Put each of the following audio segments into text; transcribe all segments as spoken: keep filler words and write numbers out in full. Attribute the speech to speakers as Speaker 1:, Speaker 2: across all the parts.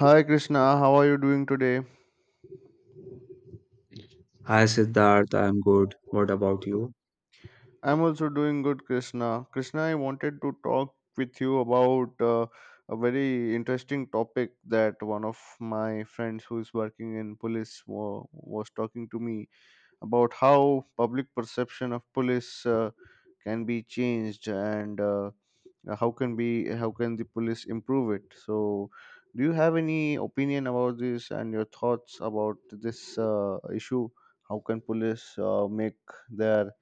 Speaker 1: Hi Krishna, how are you doing today?
Speaker 2: Hi Siddharth, I'm good. What about you?
Speaker 1: I'm also doing good, Krishna. Krishna, I wanted to talk with you about uh, a very interesting topic that one of my friends who is working in police wa- was talking to me about how public perception of police uh, can be changed and uh, how can be how can the police improve it. So do you have any opinion about this and your thoughts about this uh, issue? How can police uh, make their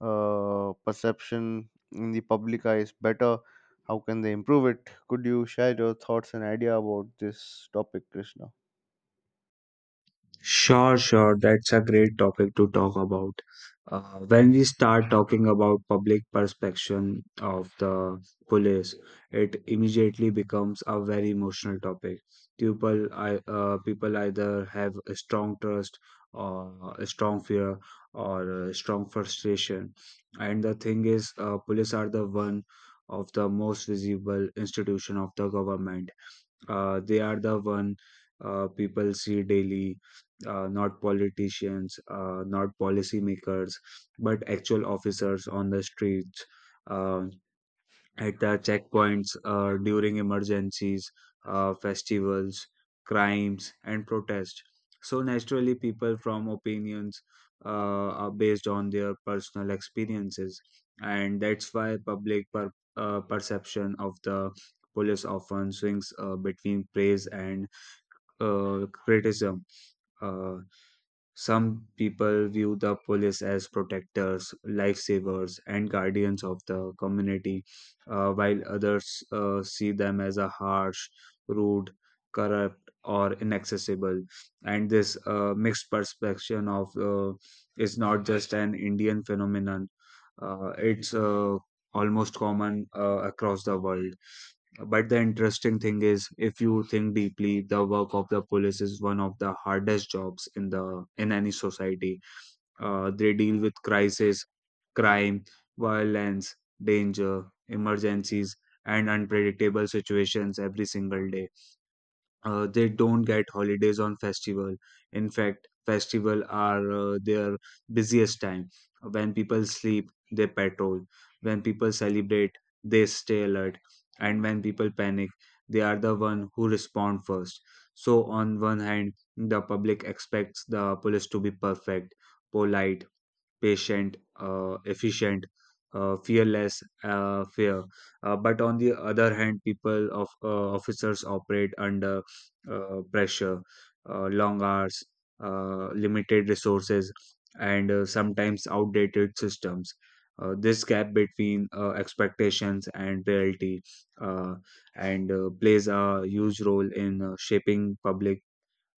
Speaker 1: uh, perception in the public eyes better? How can they improve it? Could you share your thoughts and idea about this topic, Krishna?
Speaker 2: Sure, sure. That's a great topic to talk about. Uh, when we start talking about public perception of the police, it immediately becomes a very emotional topic. People, I, uh, people either have a strong trust or a strong fear or a strong frustration. And the thing is, uh, police are the one of the most visible institution of the government. Uh, they are the one uh, people see daily, uh, not politicians, uh, not policymakers, but actual officers on the streets. uh, at the checkpoints, uh, during emergencies, uh, festivals, crimes, and protests. So naturally, people from opinions uh, are based on their personal experiences, and that's why public per- uh, perception of the police often swings uh, between praise and uh, criticism. Uh, some people view the police as protectors, lifesavers, and guardians of the community, uh, while others uh, see them as a harsh, rude, corrupt, or inaccessible. And this uh, mixed perception of uh, is not just an Indian phenomenon; uh, it's uh, almost common uh, across the world. But the interesting thing is, if you think deeply, the work of the police is one of the hardest jobs in the in any society. Uh, they deal with crisis, crime, violence, danger, emergencies, and unpredictable situations every single day. Uh, they don't get holidays on festival. In fact, festival are uh, their busiest time. When people sleep, they patrol. When people celebrate, they stay alert. And when people panic, they are the one who respond first. So on one hand, the public expects the police to be perfect, polite, patient, uh, efficient, uh, fearless, uh, fair. Uh, but on the other hand, people of uh, officers operate under uh, pressure, uh, long hours, uh, limited resources, and uh, sometimes outdated systems. Uh, this gap between uh, expectations and reality uh, and uh, plays a huge role in uh, shaping public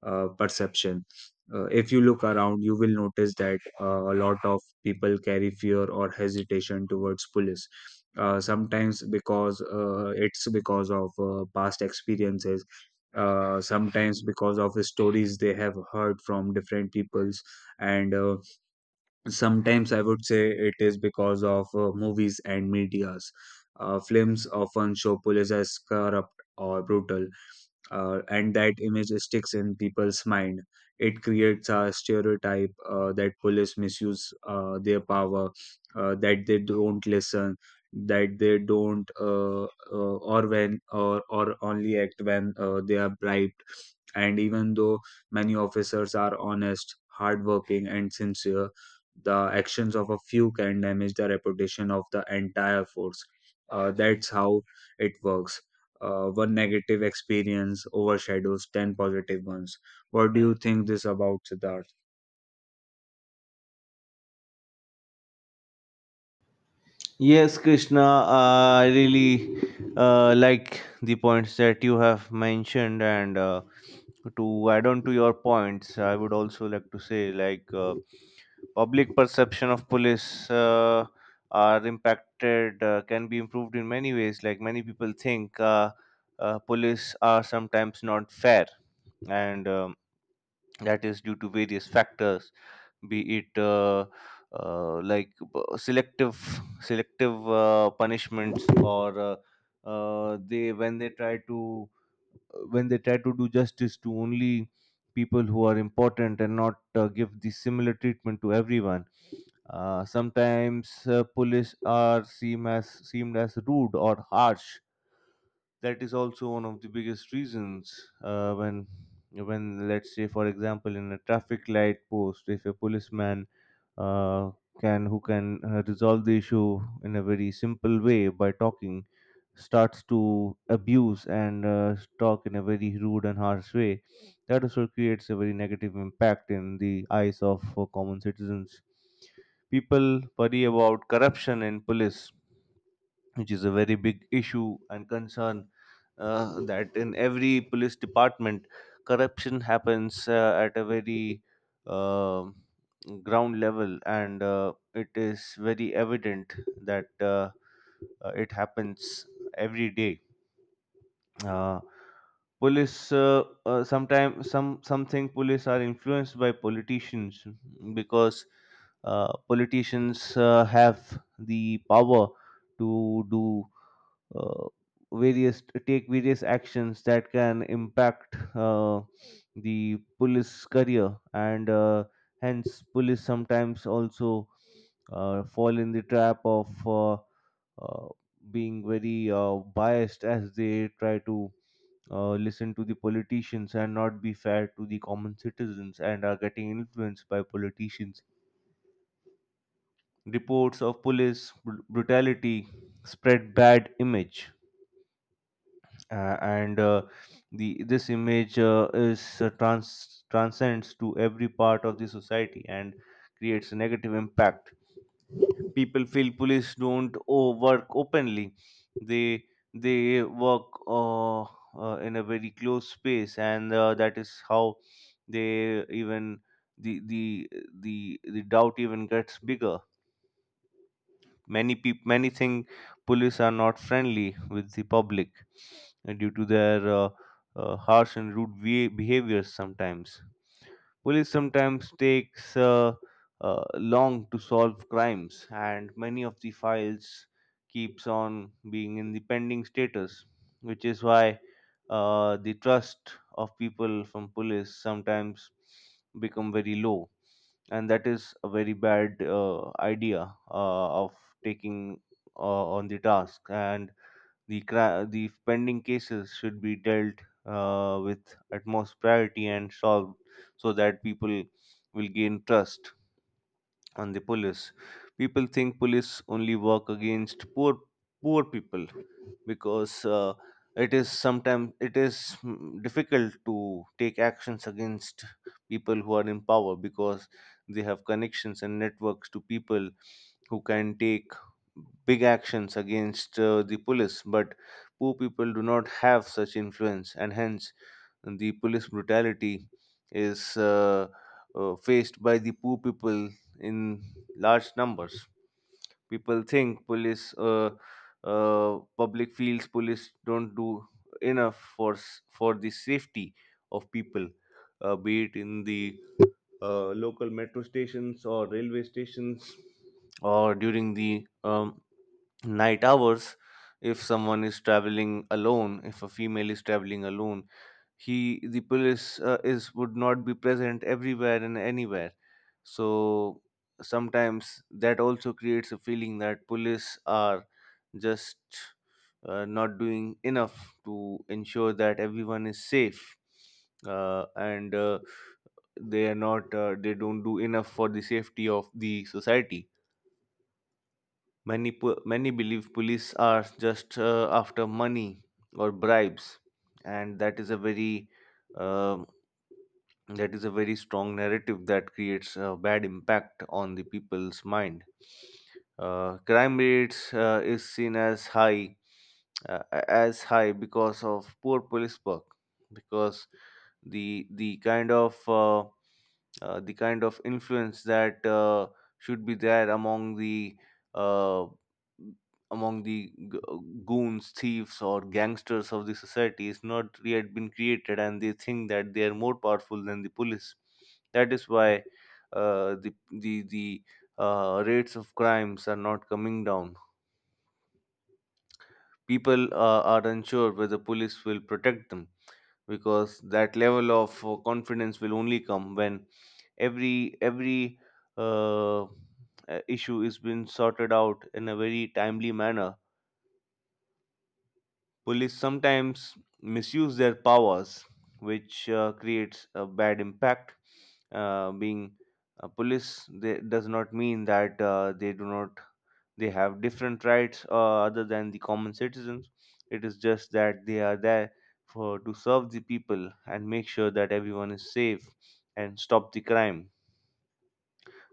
Speaker 2: uh, perception. Uh, if you look around, you will notice that uh, a lot of people carry fear or hesitation towards police. Uh, sometimes because uh, it's because of uh, past experiences, uh, sometimes because of the stories they have heard from different peoples, and uh, sometimes I would say it is because of uh, movies and medias. Uh, films often show police as corrupt or brutal, uh, and that image sticks in people's mind. It creates a stereotype uh, that police misuse uh, their power, uh, that they don't listen, that they don't, uh, uh, or when, or or only act when uh, they are bribed. And even though many officers are honest, hardworking, and sincere, the actions of a few can damage the reputation of the entire force. Uh, that's how it works. Uh, one negative experience overshadows ten positive ones. What do you think this about, Siddharth?
Speaker 1: Yes, Krishna, uh, I really uh, like the points that you have mentioned, and uh, to add on to your points, I would also like to say, like uh, public perception of police uh, are impacted uh, can be improved in many ways. Like many people think uh, uh, police are sometimes not fair, and um, that is due to various factors, be it uh, uh, like b- selective selective uh, punishments or uh, uh, they when they try to uh, when they try to do justice to only people who are important and not uh, give the similar treatment to everyone. Uh, sometimes uh, police are seem as seemed as rude or harsh. That is also one of the biggest reasons. Uh, when when let's say for example, in a traffic light post, if a policeman uh, can who can uh, resolve the issue in a very simple way by talking starts to abuse and uh, talk in a very rude and harsh way, that also creates a very negative impact in the eyes of uh, common citizens. People worry about corruption in police, which is a very big issue and concern. Uh, that in every police department corruption happens uh, at a very um ground level, and uh, it is very evident that uh, uh, it happens every day. uh, Police uh, uh, sometimes some something police are influenced by politicians because uh, politicians uh, have the power to do uh, various to take various actions that can impact uh, the police career, and uh, hence police sometimes also uh, fall in the trap of uh, uh, being very uh, biased, as they try to uh, listen to the politicians and not be fair to the common citizens, and are getting influenced by politicians. Reports of police br- brutality spread bad image, uh, and uh, the this image uh, is uh, trans transcends to every part of the society and creates a negative impact. People feel police don't oh, work openly. They they work uh, uh, in a very close space, and uh, that is how they, even, the the the the doubt even gets bigger. Many people many think police are not friendly with the public uh, due to their uh, uh, harsh and rude bea- behaviors sometimes. Police sometimes takes uh, uh, long to solve crimes, and many of the files keeps on being in the pending status, which is why uh, the trust of people from police sometimes become very low, and that is a very bad uh, idea uh, of taking uh, on the task. And the, cra- the pending cases should be dealt uh, with utmost priority and solved so that people will gain trust on the police. People think police only work against poor poor people because uh, it is sometimes it is mm, difficult to take actions against people who are in power, because they have connections and networks to people who can take big actions against uh, the police. But poor people do not have such influence, and hence the police brutality is uh, uh, faced by the poor people in large numbers. People think police, uh, uh, Public feels police don't do enough for s- for the safety of people, uh, be it in the uh, local metro stations or railway stations, or during the um, night hours. If someone is traveling alone, if a female is traveling alone, he the police uh, is would not be present everywhere and anywhere. So sometimes that also creates a feeling that police are just uh, not doing enough to ensure that everyone is safe, uh, and uh, they are not, uh, they don't do enough for the safety of the society. Many po- many believe police are just uh, after money or bribes, and that is a very um that is a very strong narrative that creates a bad impact on the people's mind. Uh, crime rates uh, is seen as high uh, as high because of poor police work, because the the kind of uh, uh, the kind of influence that uh, should be there among the uh, among the g- uh, goons, thieves, or gangsters of the society is not yet been created, and they think that they are more powerful than the police. That is why uh, the the the uh, rates of crimes are not coming down. People uh, are unsure whether police will protect them, because that level of uh, confidence will only come when every every uh, uh, issue is being sorted out in a very timely manner. Police sometimes misuse their powers, which uh, creates a bad impact. Uh, being a police, they, does not mean that uh, they do not they have different rights uh, other than the common citizens. It is just that they are there for to serve the people and make sure that everyone is safe and stop the crime.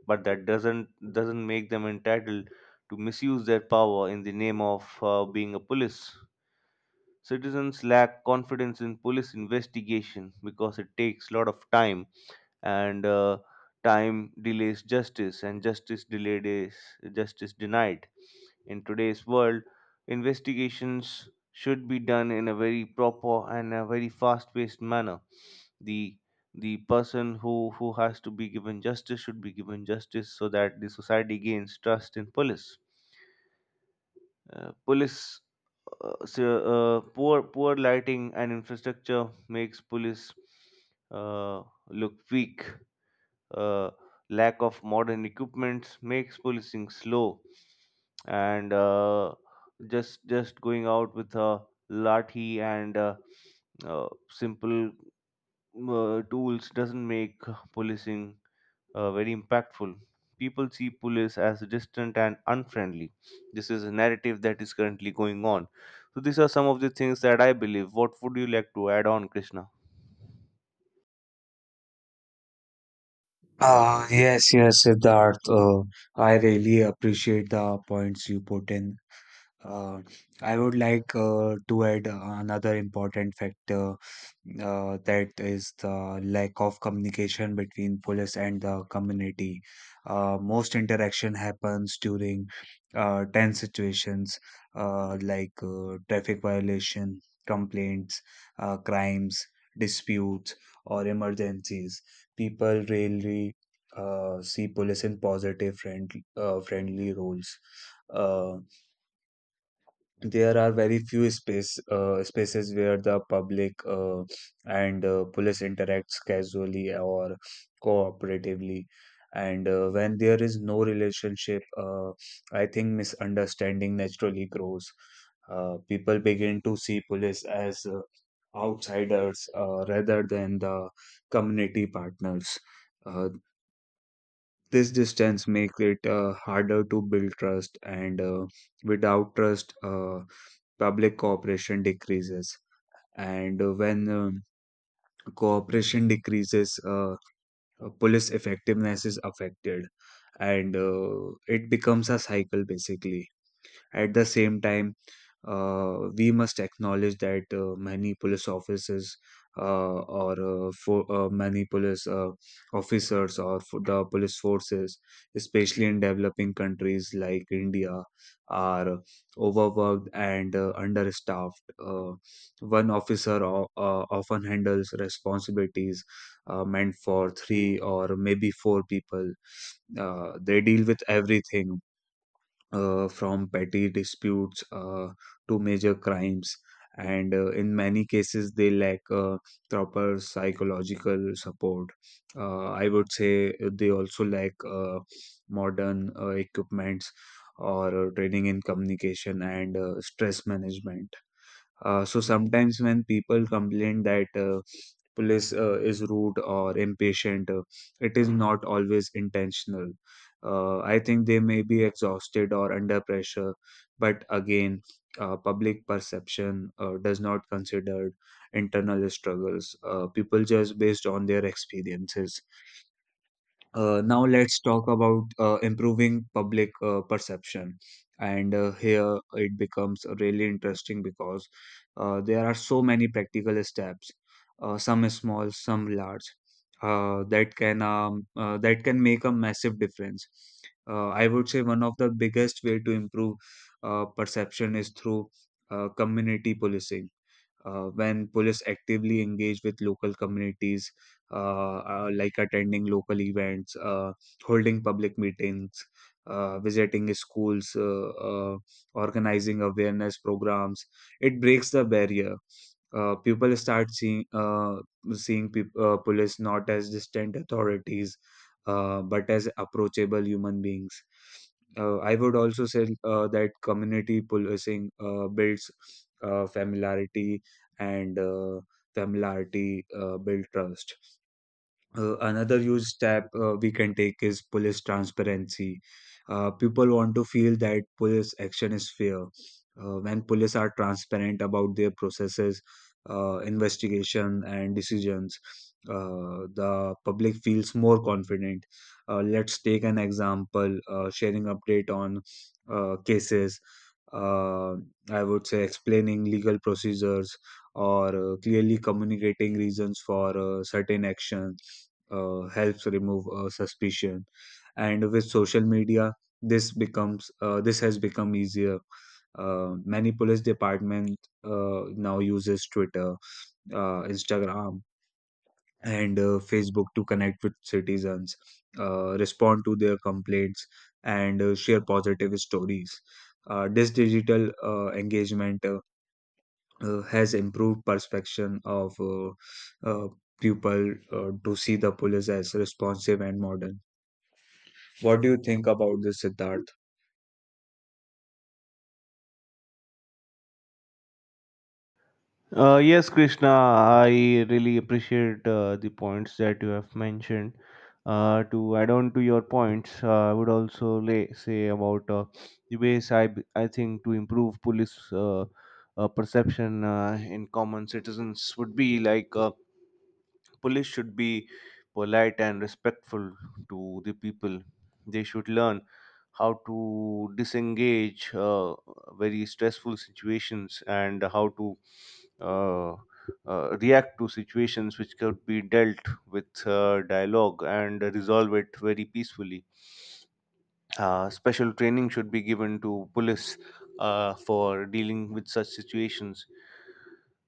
Speaker 1: But that doesn't doesn't make them entitled to misuse their power in the name of uh, being a police. Citizens lack confidence in police investigation because it takes a lot of time, and uh, time delays justice, and justice delayed is justice denied. In today's world, investigations should be done in a very proper and a very fast-paced manner. The the person who who has to be given justice should be given justice so that the society gains trust in police. Uh, police, uh, so, uh, poor poor lighting and infrastructure makes police uh, look weak. Uh, lack of modern equipment makes policing slow, and uh, just just going out with a lathi and uh, uh, simple uh, tools doesn't make policing uh, very impactful. People see police as distant and unfriendly. This is a narrative that is currently going on. So these are some of the things that I believe. What would you like to add on, Krishna?
Speaker 2: Ah, yes, yes, Siddharth. Uh, I really appreciate the points you put in. Uh, I would like uh, to add another important factor, uh, that is the lack of communication between police and the community. Uh, most interaction happens during uh, tense situations, uh, like uh, traffic violation, complaints, uh, crimes, disputes, or emergencies. People rarely uh, see police in positive friend, uh, friendly roles. Uh, there are very few space uh, spaces where the public uh, and uh, police interacts casually or cooperatively. And uh, when there is no relationship, uh, I think misunderstanding naturally grows. Uh, people begin to see police as uh, outsiders uh, rather than the community partners. uh, this distance makes it uh, harder to build trust, and uh, without trust, uh, public cooperation decreases. And uh, when um, cooperation decreases, uh, uh, police effectiveness is affected, and uh, it becomes a cycle basically. At the same time, uh, we must acknowledge that uh, many police officers uh, or uh, for, uh, many police uh, officers or for the police forces, especially in developing countries like India, are overworked and uh, understaffed. Uh, one officer o- uh, often handles responsibilities uh, meant for three or maybe four people. Uh, they deal with everything uh, from petty disputes uh, to major crimes. And uh, in many cases, they lack uh, proper psychological support. Uh, I would say uh, they also lack uh, modern uh, equipments or uh, training in communication and uh, stress management. Uh, so sometimes when people complain that uh, police uh, is rude or impatient, uh, it is not always intentional. Uh, I think they may be exhausted or under pressure, but again, uh, public perception uh, does not consider internal struggles. Uh, people just based on their experiences. Uh, now let's talk about uh, improving public uh, perception. And uh, here it becomes really interesting because uh, there are so many practical steps, uh, some small, some large, uh, that can um, uh, that can make a massive difference. Uh, I would say one of the biggest way to improve uh, perception is through uh, community policing. Uh, when police actively engage with local communities, uh, uh, like attending local events, uh, holding public meetings, uh, visiting schools, uh, uh, organizing awareness programs, it breaks the barrier. Uh, people start seeing uh, seeing peop uh, police not as distant authorities, uh, but as approachable human beings. Uh, I would also say uh, that community policing uh, builds uh, familiarity and uh, Tamil R T uh, Build Trust. Uh, another huge step uh, we can take is police transparency. Uh, people want to feel that police action is fair. Uh, when police are transparent about their processes, uh, investigation, and decisions, uh, the public feels more confident. Uh, let's take an example, uh, sharing update on uh, cases. Uh, I would say explaining legal procedures or uh, clearly communicating reasons for uh, certain actions uh, helps remove uh, suspicion. And with social media, this becomes uh, this has become easier. Uh, many police department uh, now uses Twitter, uh, Instagram, and uh, Facebook to connect with citizens, uh, respond to their complaints, and uh, share positive stories. Uh, this digital uh, engagement uh, uh, has improved perception of, uh, uh, people uh, to see the police as responsive and modern. What do you think about this, Siddharth?
Speaker 1: Uh, yes, Krishna, I really appreciate uh, the points that you have mentioned. Uh, to add on to your points, uh, I would also lay, say about uh, the ways I, b- I think to improve police uh, uh, perception uh, in common citizens would be like, uh, police should be polite and respectful to the people. They should learn how to disengage uh, very stressful situations and how to uh, uh, react to situations which could be dealt with uh, dialogue and resolve it very peacefully. Uh, special training should be given to police uh, for dealing with such situations.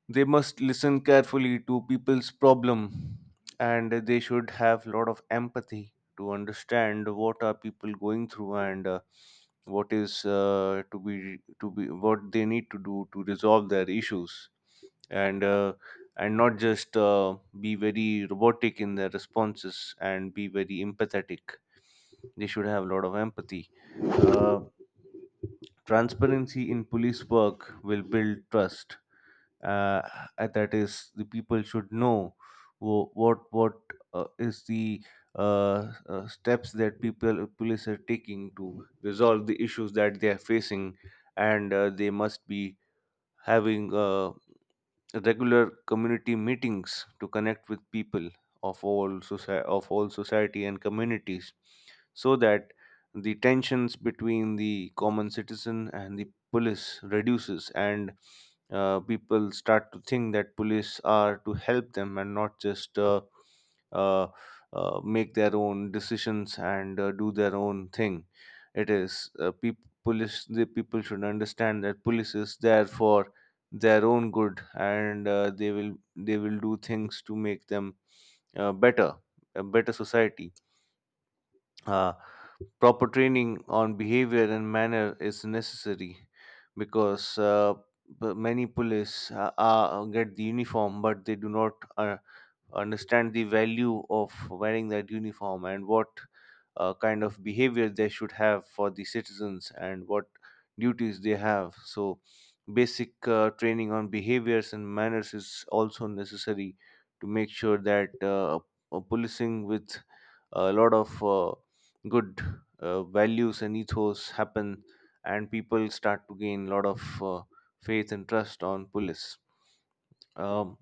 Speaker 1: They must listen carefully to people's problem, and they should have a lot of empathy to understand what are people going through, and uh, what is, uh, to be to be what they need to do to resolve their issues, and uh, and not just uh, be very robotic in their responses, and be very empathetic. They should have a lot of empathy. uh, Transparency in police work will build trust, uh, and that is, the people should know wh- what what uh, is the uh, uh, steps that people police are taking to resolve the issues that they are facing, and uh, they must be having uh, regular community meetings to connect with people of all society of all society and communities, so that the tensions between the common citizen and the police reduces, and uh, people start to think that police are to help them, and not just uh, uh, uh, make their own decisions and uh, do their own thing. It is uh, peop police. The people should understand that police is there for their own good, and uh, they will they will do things to make them uh, better, a better society. uh, Proper training on behavior and manner is necessary because uh, b- many police uh, uh, get the uniform but they do not uh, understand the value of wearing that uniform and what uh, kind of behavior they should have for the citizens and what duties they have. So basic uh, training on behaviors and manners is also necessary to make sure that uh, uh, policing with a lot of uh, good uh, values and ethos happen, and people start to gain a lot of uh, faith and trust on police. um,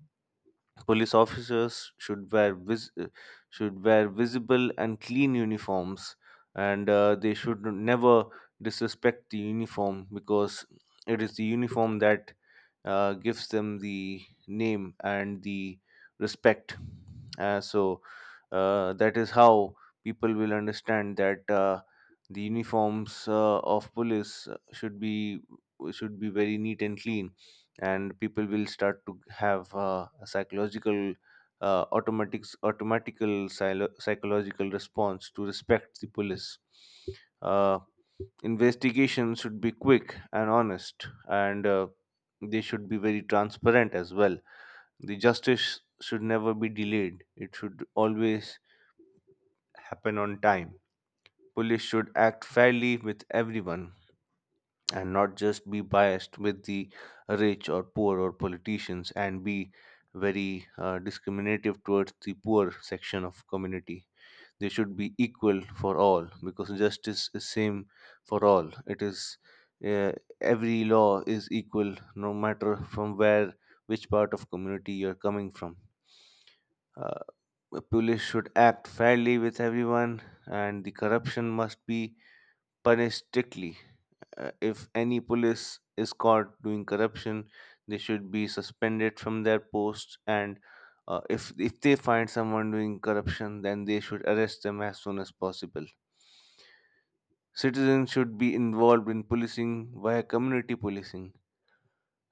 Speaker 1: Police officers should wear vis- uh, should wear visible and clean uniforms, and uh, they should never disrespect the uniform, because it is the uniform that uh, gives them the name and the respect. Uh, so uh, that is how people will understand that uh, the uniforms uh, of police should be, should be very neat and clean, and people will start to have uh, a psychological, uh, automatic automatical psylo- psychological response to respect the police. uh, Investigation should be quick and honest, and uh, they should be very transparent as well. The justice should never be delayed, it should always happen on time. Police should act fairly with everyone and not just be biased with the rich or poor or politicians and be very uh, discriminative towards the poor section of community. They should be equal for all, because justice is same for all. It is uh, every law is equal, no matter from where, which part of community you're coming from. uh, Police should act fairly with everyone, and the corruption must be punished strictly. Uh, if any police is caught doing corruption, they should be suspended from their posts. And uh, if if they find someone doing corruption, then they should arrest them as soon as possible. Citizens should be involved in policing via community policing,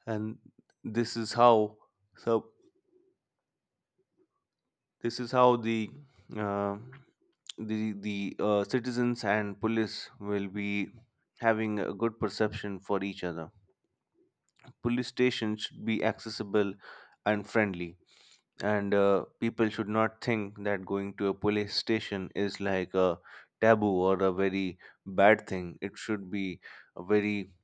Speaker 1: and this is how so this is how the uh, the the uh, citizens and police will be having a good perception for each other. Police stations should be accessible and friendly, and uh, people should not think that going to a police station is like a taboo or a very bad thing. It should be a very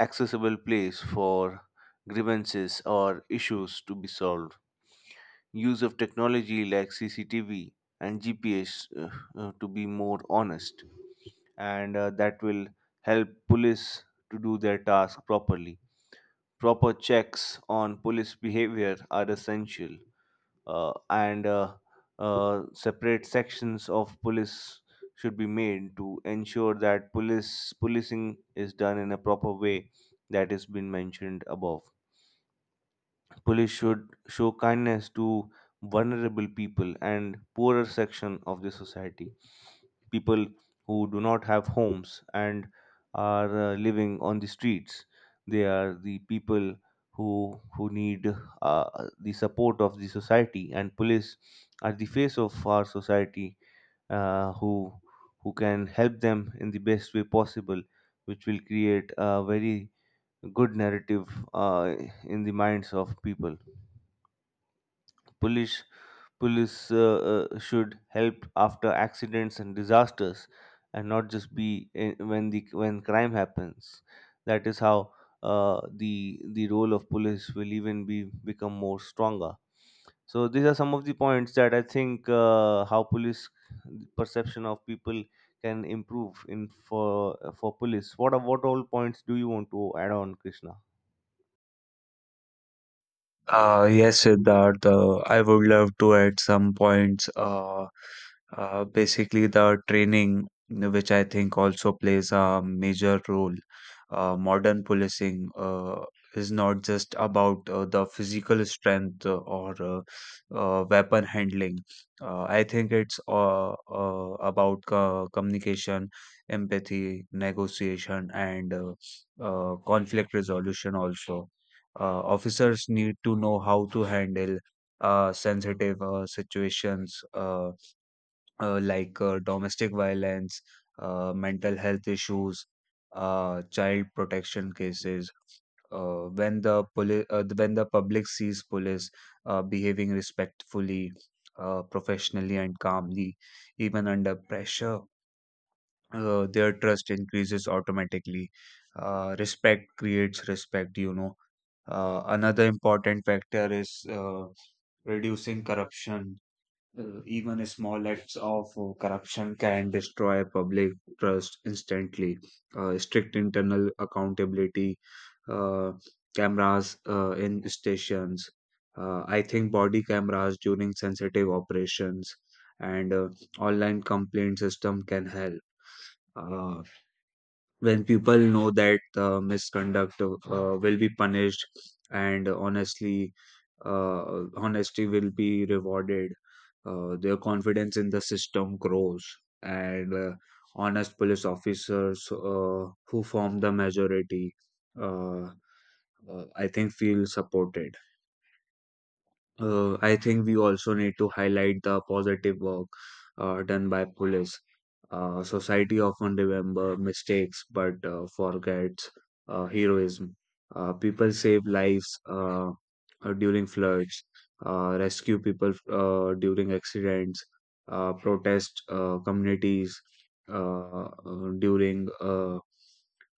Speaker 1: accessible place for grievances or issues to be solved. Use of technology like CCTV and GPS, uh, uh, to be more honest, and uh, that will help police to do their task properly. Proper checks on police behavior are essential, uh, and uh, uh, separate sections of police should be made to ensure that police policing is done in a proper way, that has been mentioned above. Police should show kindness to vulnerable people and poorer section of the society, people who do not have homes and are uh, living on the streets. They are the people who who need uh, the support of the society, and police are the face of our society, uh, who who can help them in the best way possible, which will create a very good narrative uh, in the minds of people. Police police uh, uh, should help after accidents and disasters and not just be in, when the when crime happens. That is how uh, the the role of police will even be, become more stronger. So these are some of the points that I think uh, how police perception of people can improve in, for for police. What are- what all points do you want to add on, Krishna?
Speaker 2: Uh, yes, Siddharth, uh, I would love to add some points. Uh, uh, basically, the training, which I think also plays a major role. Uh, modern policing uh, is not just about uh, the physical strength uh, or uh, uh, weapon handling. Uh, I think it's uh, uh, about co- communication, empathy, negotiation, and uh, uh, conflict resolution also. Uh, officers need to know how to handle uh, sensitive uh, situations uh, uh, like uh, domestic violence, uh, mental health issues, uh, child protection cases. Uh, when the poli- uh, when the public sees police uh, behaving respectfully, uh, professionally, and calmly, even under pressure, uh, their trust increases automatically. Uh, respect creates respect, you know. Uh, another important factor is uh, reducing corruption. Uh, even small acts of uh, corruption can destroy public trust instantly. Uh, strict internal accountability, uh, cameras uh, in stations, uh, I think body cameras during sensitive operations, and uh, online complaint system can help. Uh, when people know that uh, misconduct uh, uh, will be punished and honestly, uh, honesty will be rewarded, uh, their confidence in the system grows, and uh, honest police officers uh, who form the majority uh, uh, I think feel supported. uh, I think we also need to highlight the positive work uh, done by police. Uh, society often remember mistakes but uh, forgets uh, heroism. Uh, people save lives uh, uh, during floods, uh, rescue people uh, during accidents, uh, protest uh, communities uh, uh, during uh,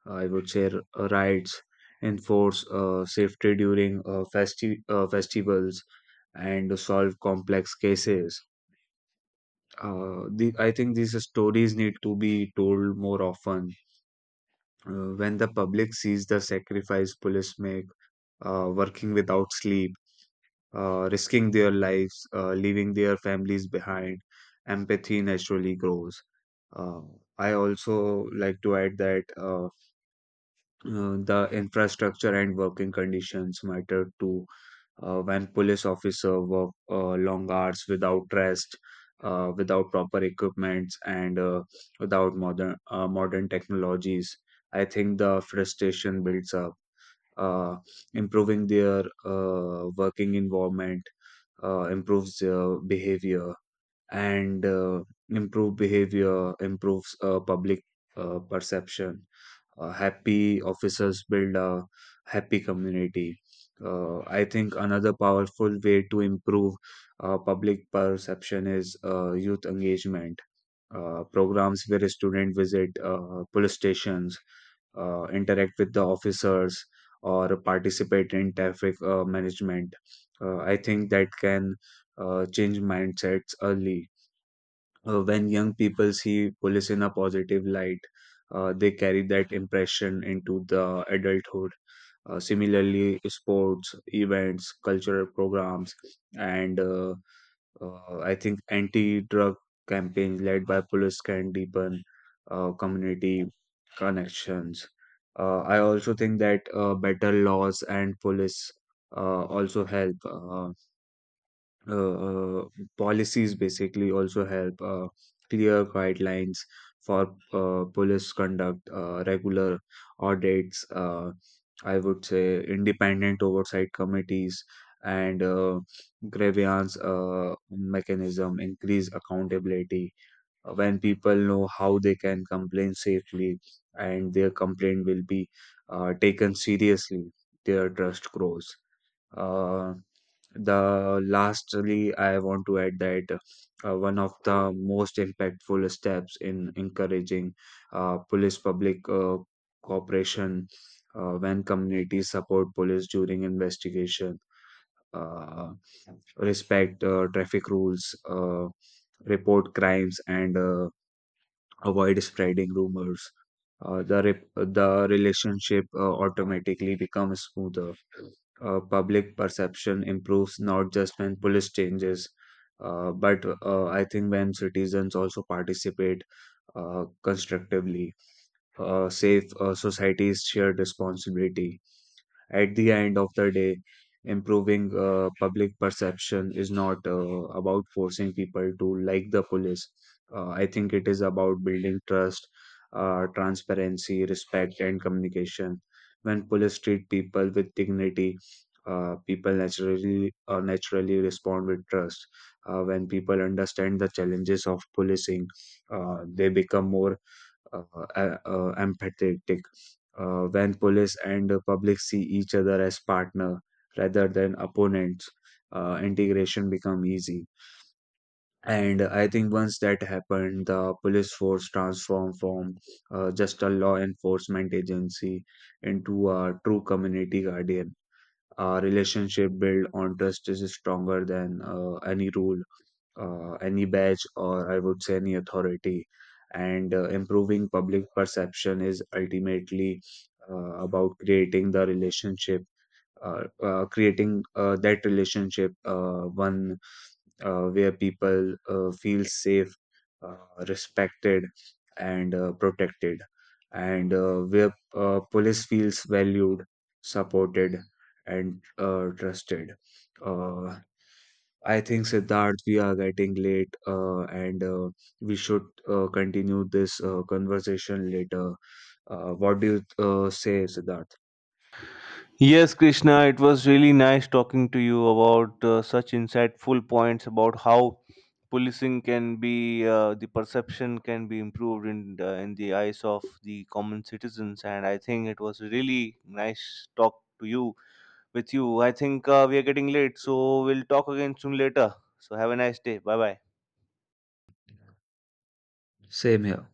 Speaker 2: I would say r- uh, rights, enforce uh, safety during uh, festi- uh, festivals, and solve complex cases. Uh, the, I think these stories need to be told more often. Uh, when the public sees the sacrifice police make, uh, working without sleep, uh, risking their lives, uh, leaving their families behind, empathy naturally grows. Uh, I also like to add that. Uh, Uh, the infrastructure and working conditions matter too. Uh, when police officer work uh, long hours without rest, uh, without proper equipments, and uh, without modern uh, modern technologies, I think the frustration builds up. Uh, Improving their uh, working environment uh, improves their behavior, and uh, improved behavior improves uh, public uh, perception. Uh, happy officers build a happy community. Uh, I think another powerful way to improve uh, public perception is uh, youth engagement. Uh, programs where students visit uh, police stations, uh, interact with the officers, or participate in traffic uh, management. Uh, I think that can uh, change mindsets early. Uh, when young people see police in a positive light, uh, they carry that impression into the adulthood. Uh, similarly, sports, events, cultural programs, and uh, uh, I think anti drug campaigns led by police can deepen uh, community connections. Uh, I also think that uh, better laws and police uh, also help. Uh, uh, uh, Policies basically also help, uh, clear guidelines for uh, police conduct, uh, regular audits, uh, I would say independent oversight committees, and uh, grievance uh, mechanism, increase accountability. Uh, When people know how they can complain safely and their complaint will be uh, taken seriously, their trust grows. Uh, the Lastly, I want to add that uh, one of the most impactful steps in encouraging uh, police public uh, cooperation, uh, when communities support police during investigation, uh, respect uh, traffic rules, uh, report crimes, and uh, avoid spreading rumors. Uh, the re- the relationship uh, automatically becomes smoother. Uh, public perception improves not just when police changes, uh, but uh, I think when citizens also participate uh, constructively. Uh, safe uh, society is shared responsibility. At the end of the day, improving uh, public perception is not uh, about forcing people to like the police. Uh, I think it is about building trust, uh, transparency, respect, and communication. When police treat people with dignity, uh, people naturally uh, naturally respond with trust. Uh, when people understand the challenges of policing, uh, they become more uh, uh, uh, empathetic. Uh, when police and the public see each other as partner rather than opponents, uh, integration become easy. And I think once that happened, the police force transformed from uh, just a law enforcement agency into a true community guardian. A relationship built on trust is stronger than uh, any rule, uh, any badge, or I would say any authority. And uh, improving public perception is ultimately uh, about creating the relationship, uh, uh, creating uh, that relationship, uh, one uh, where people uh, feel safe, uh, respected, and uh, protected, and uh, where uh, police feels valued, supported, and uh, trusted. Uh, I think Siddharth, we are getting late, uh, and uh, we should uh, continue this uh, conversation later. Uh, what do you uh, say, Siddharth?
Speaker 1: Yes, Krishna, it was really nice talking to you about uh, such insightful points about how policing can be, uh, the perception can be improved in the, in the eyes of the common citizens. And I think it was a really nice talk to you with you. I think uh, we are getting late, so we'll talk again soon later. So have a nice day. Bye bye.
Speaker 2: Same here.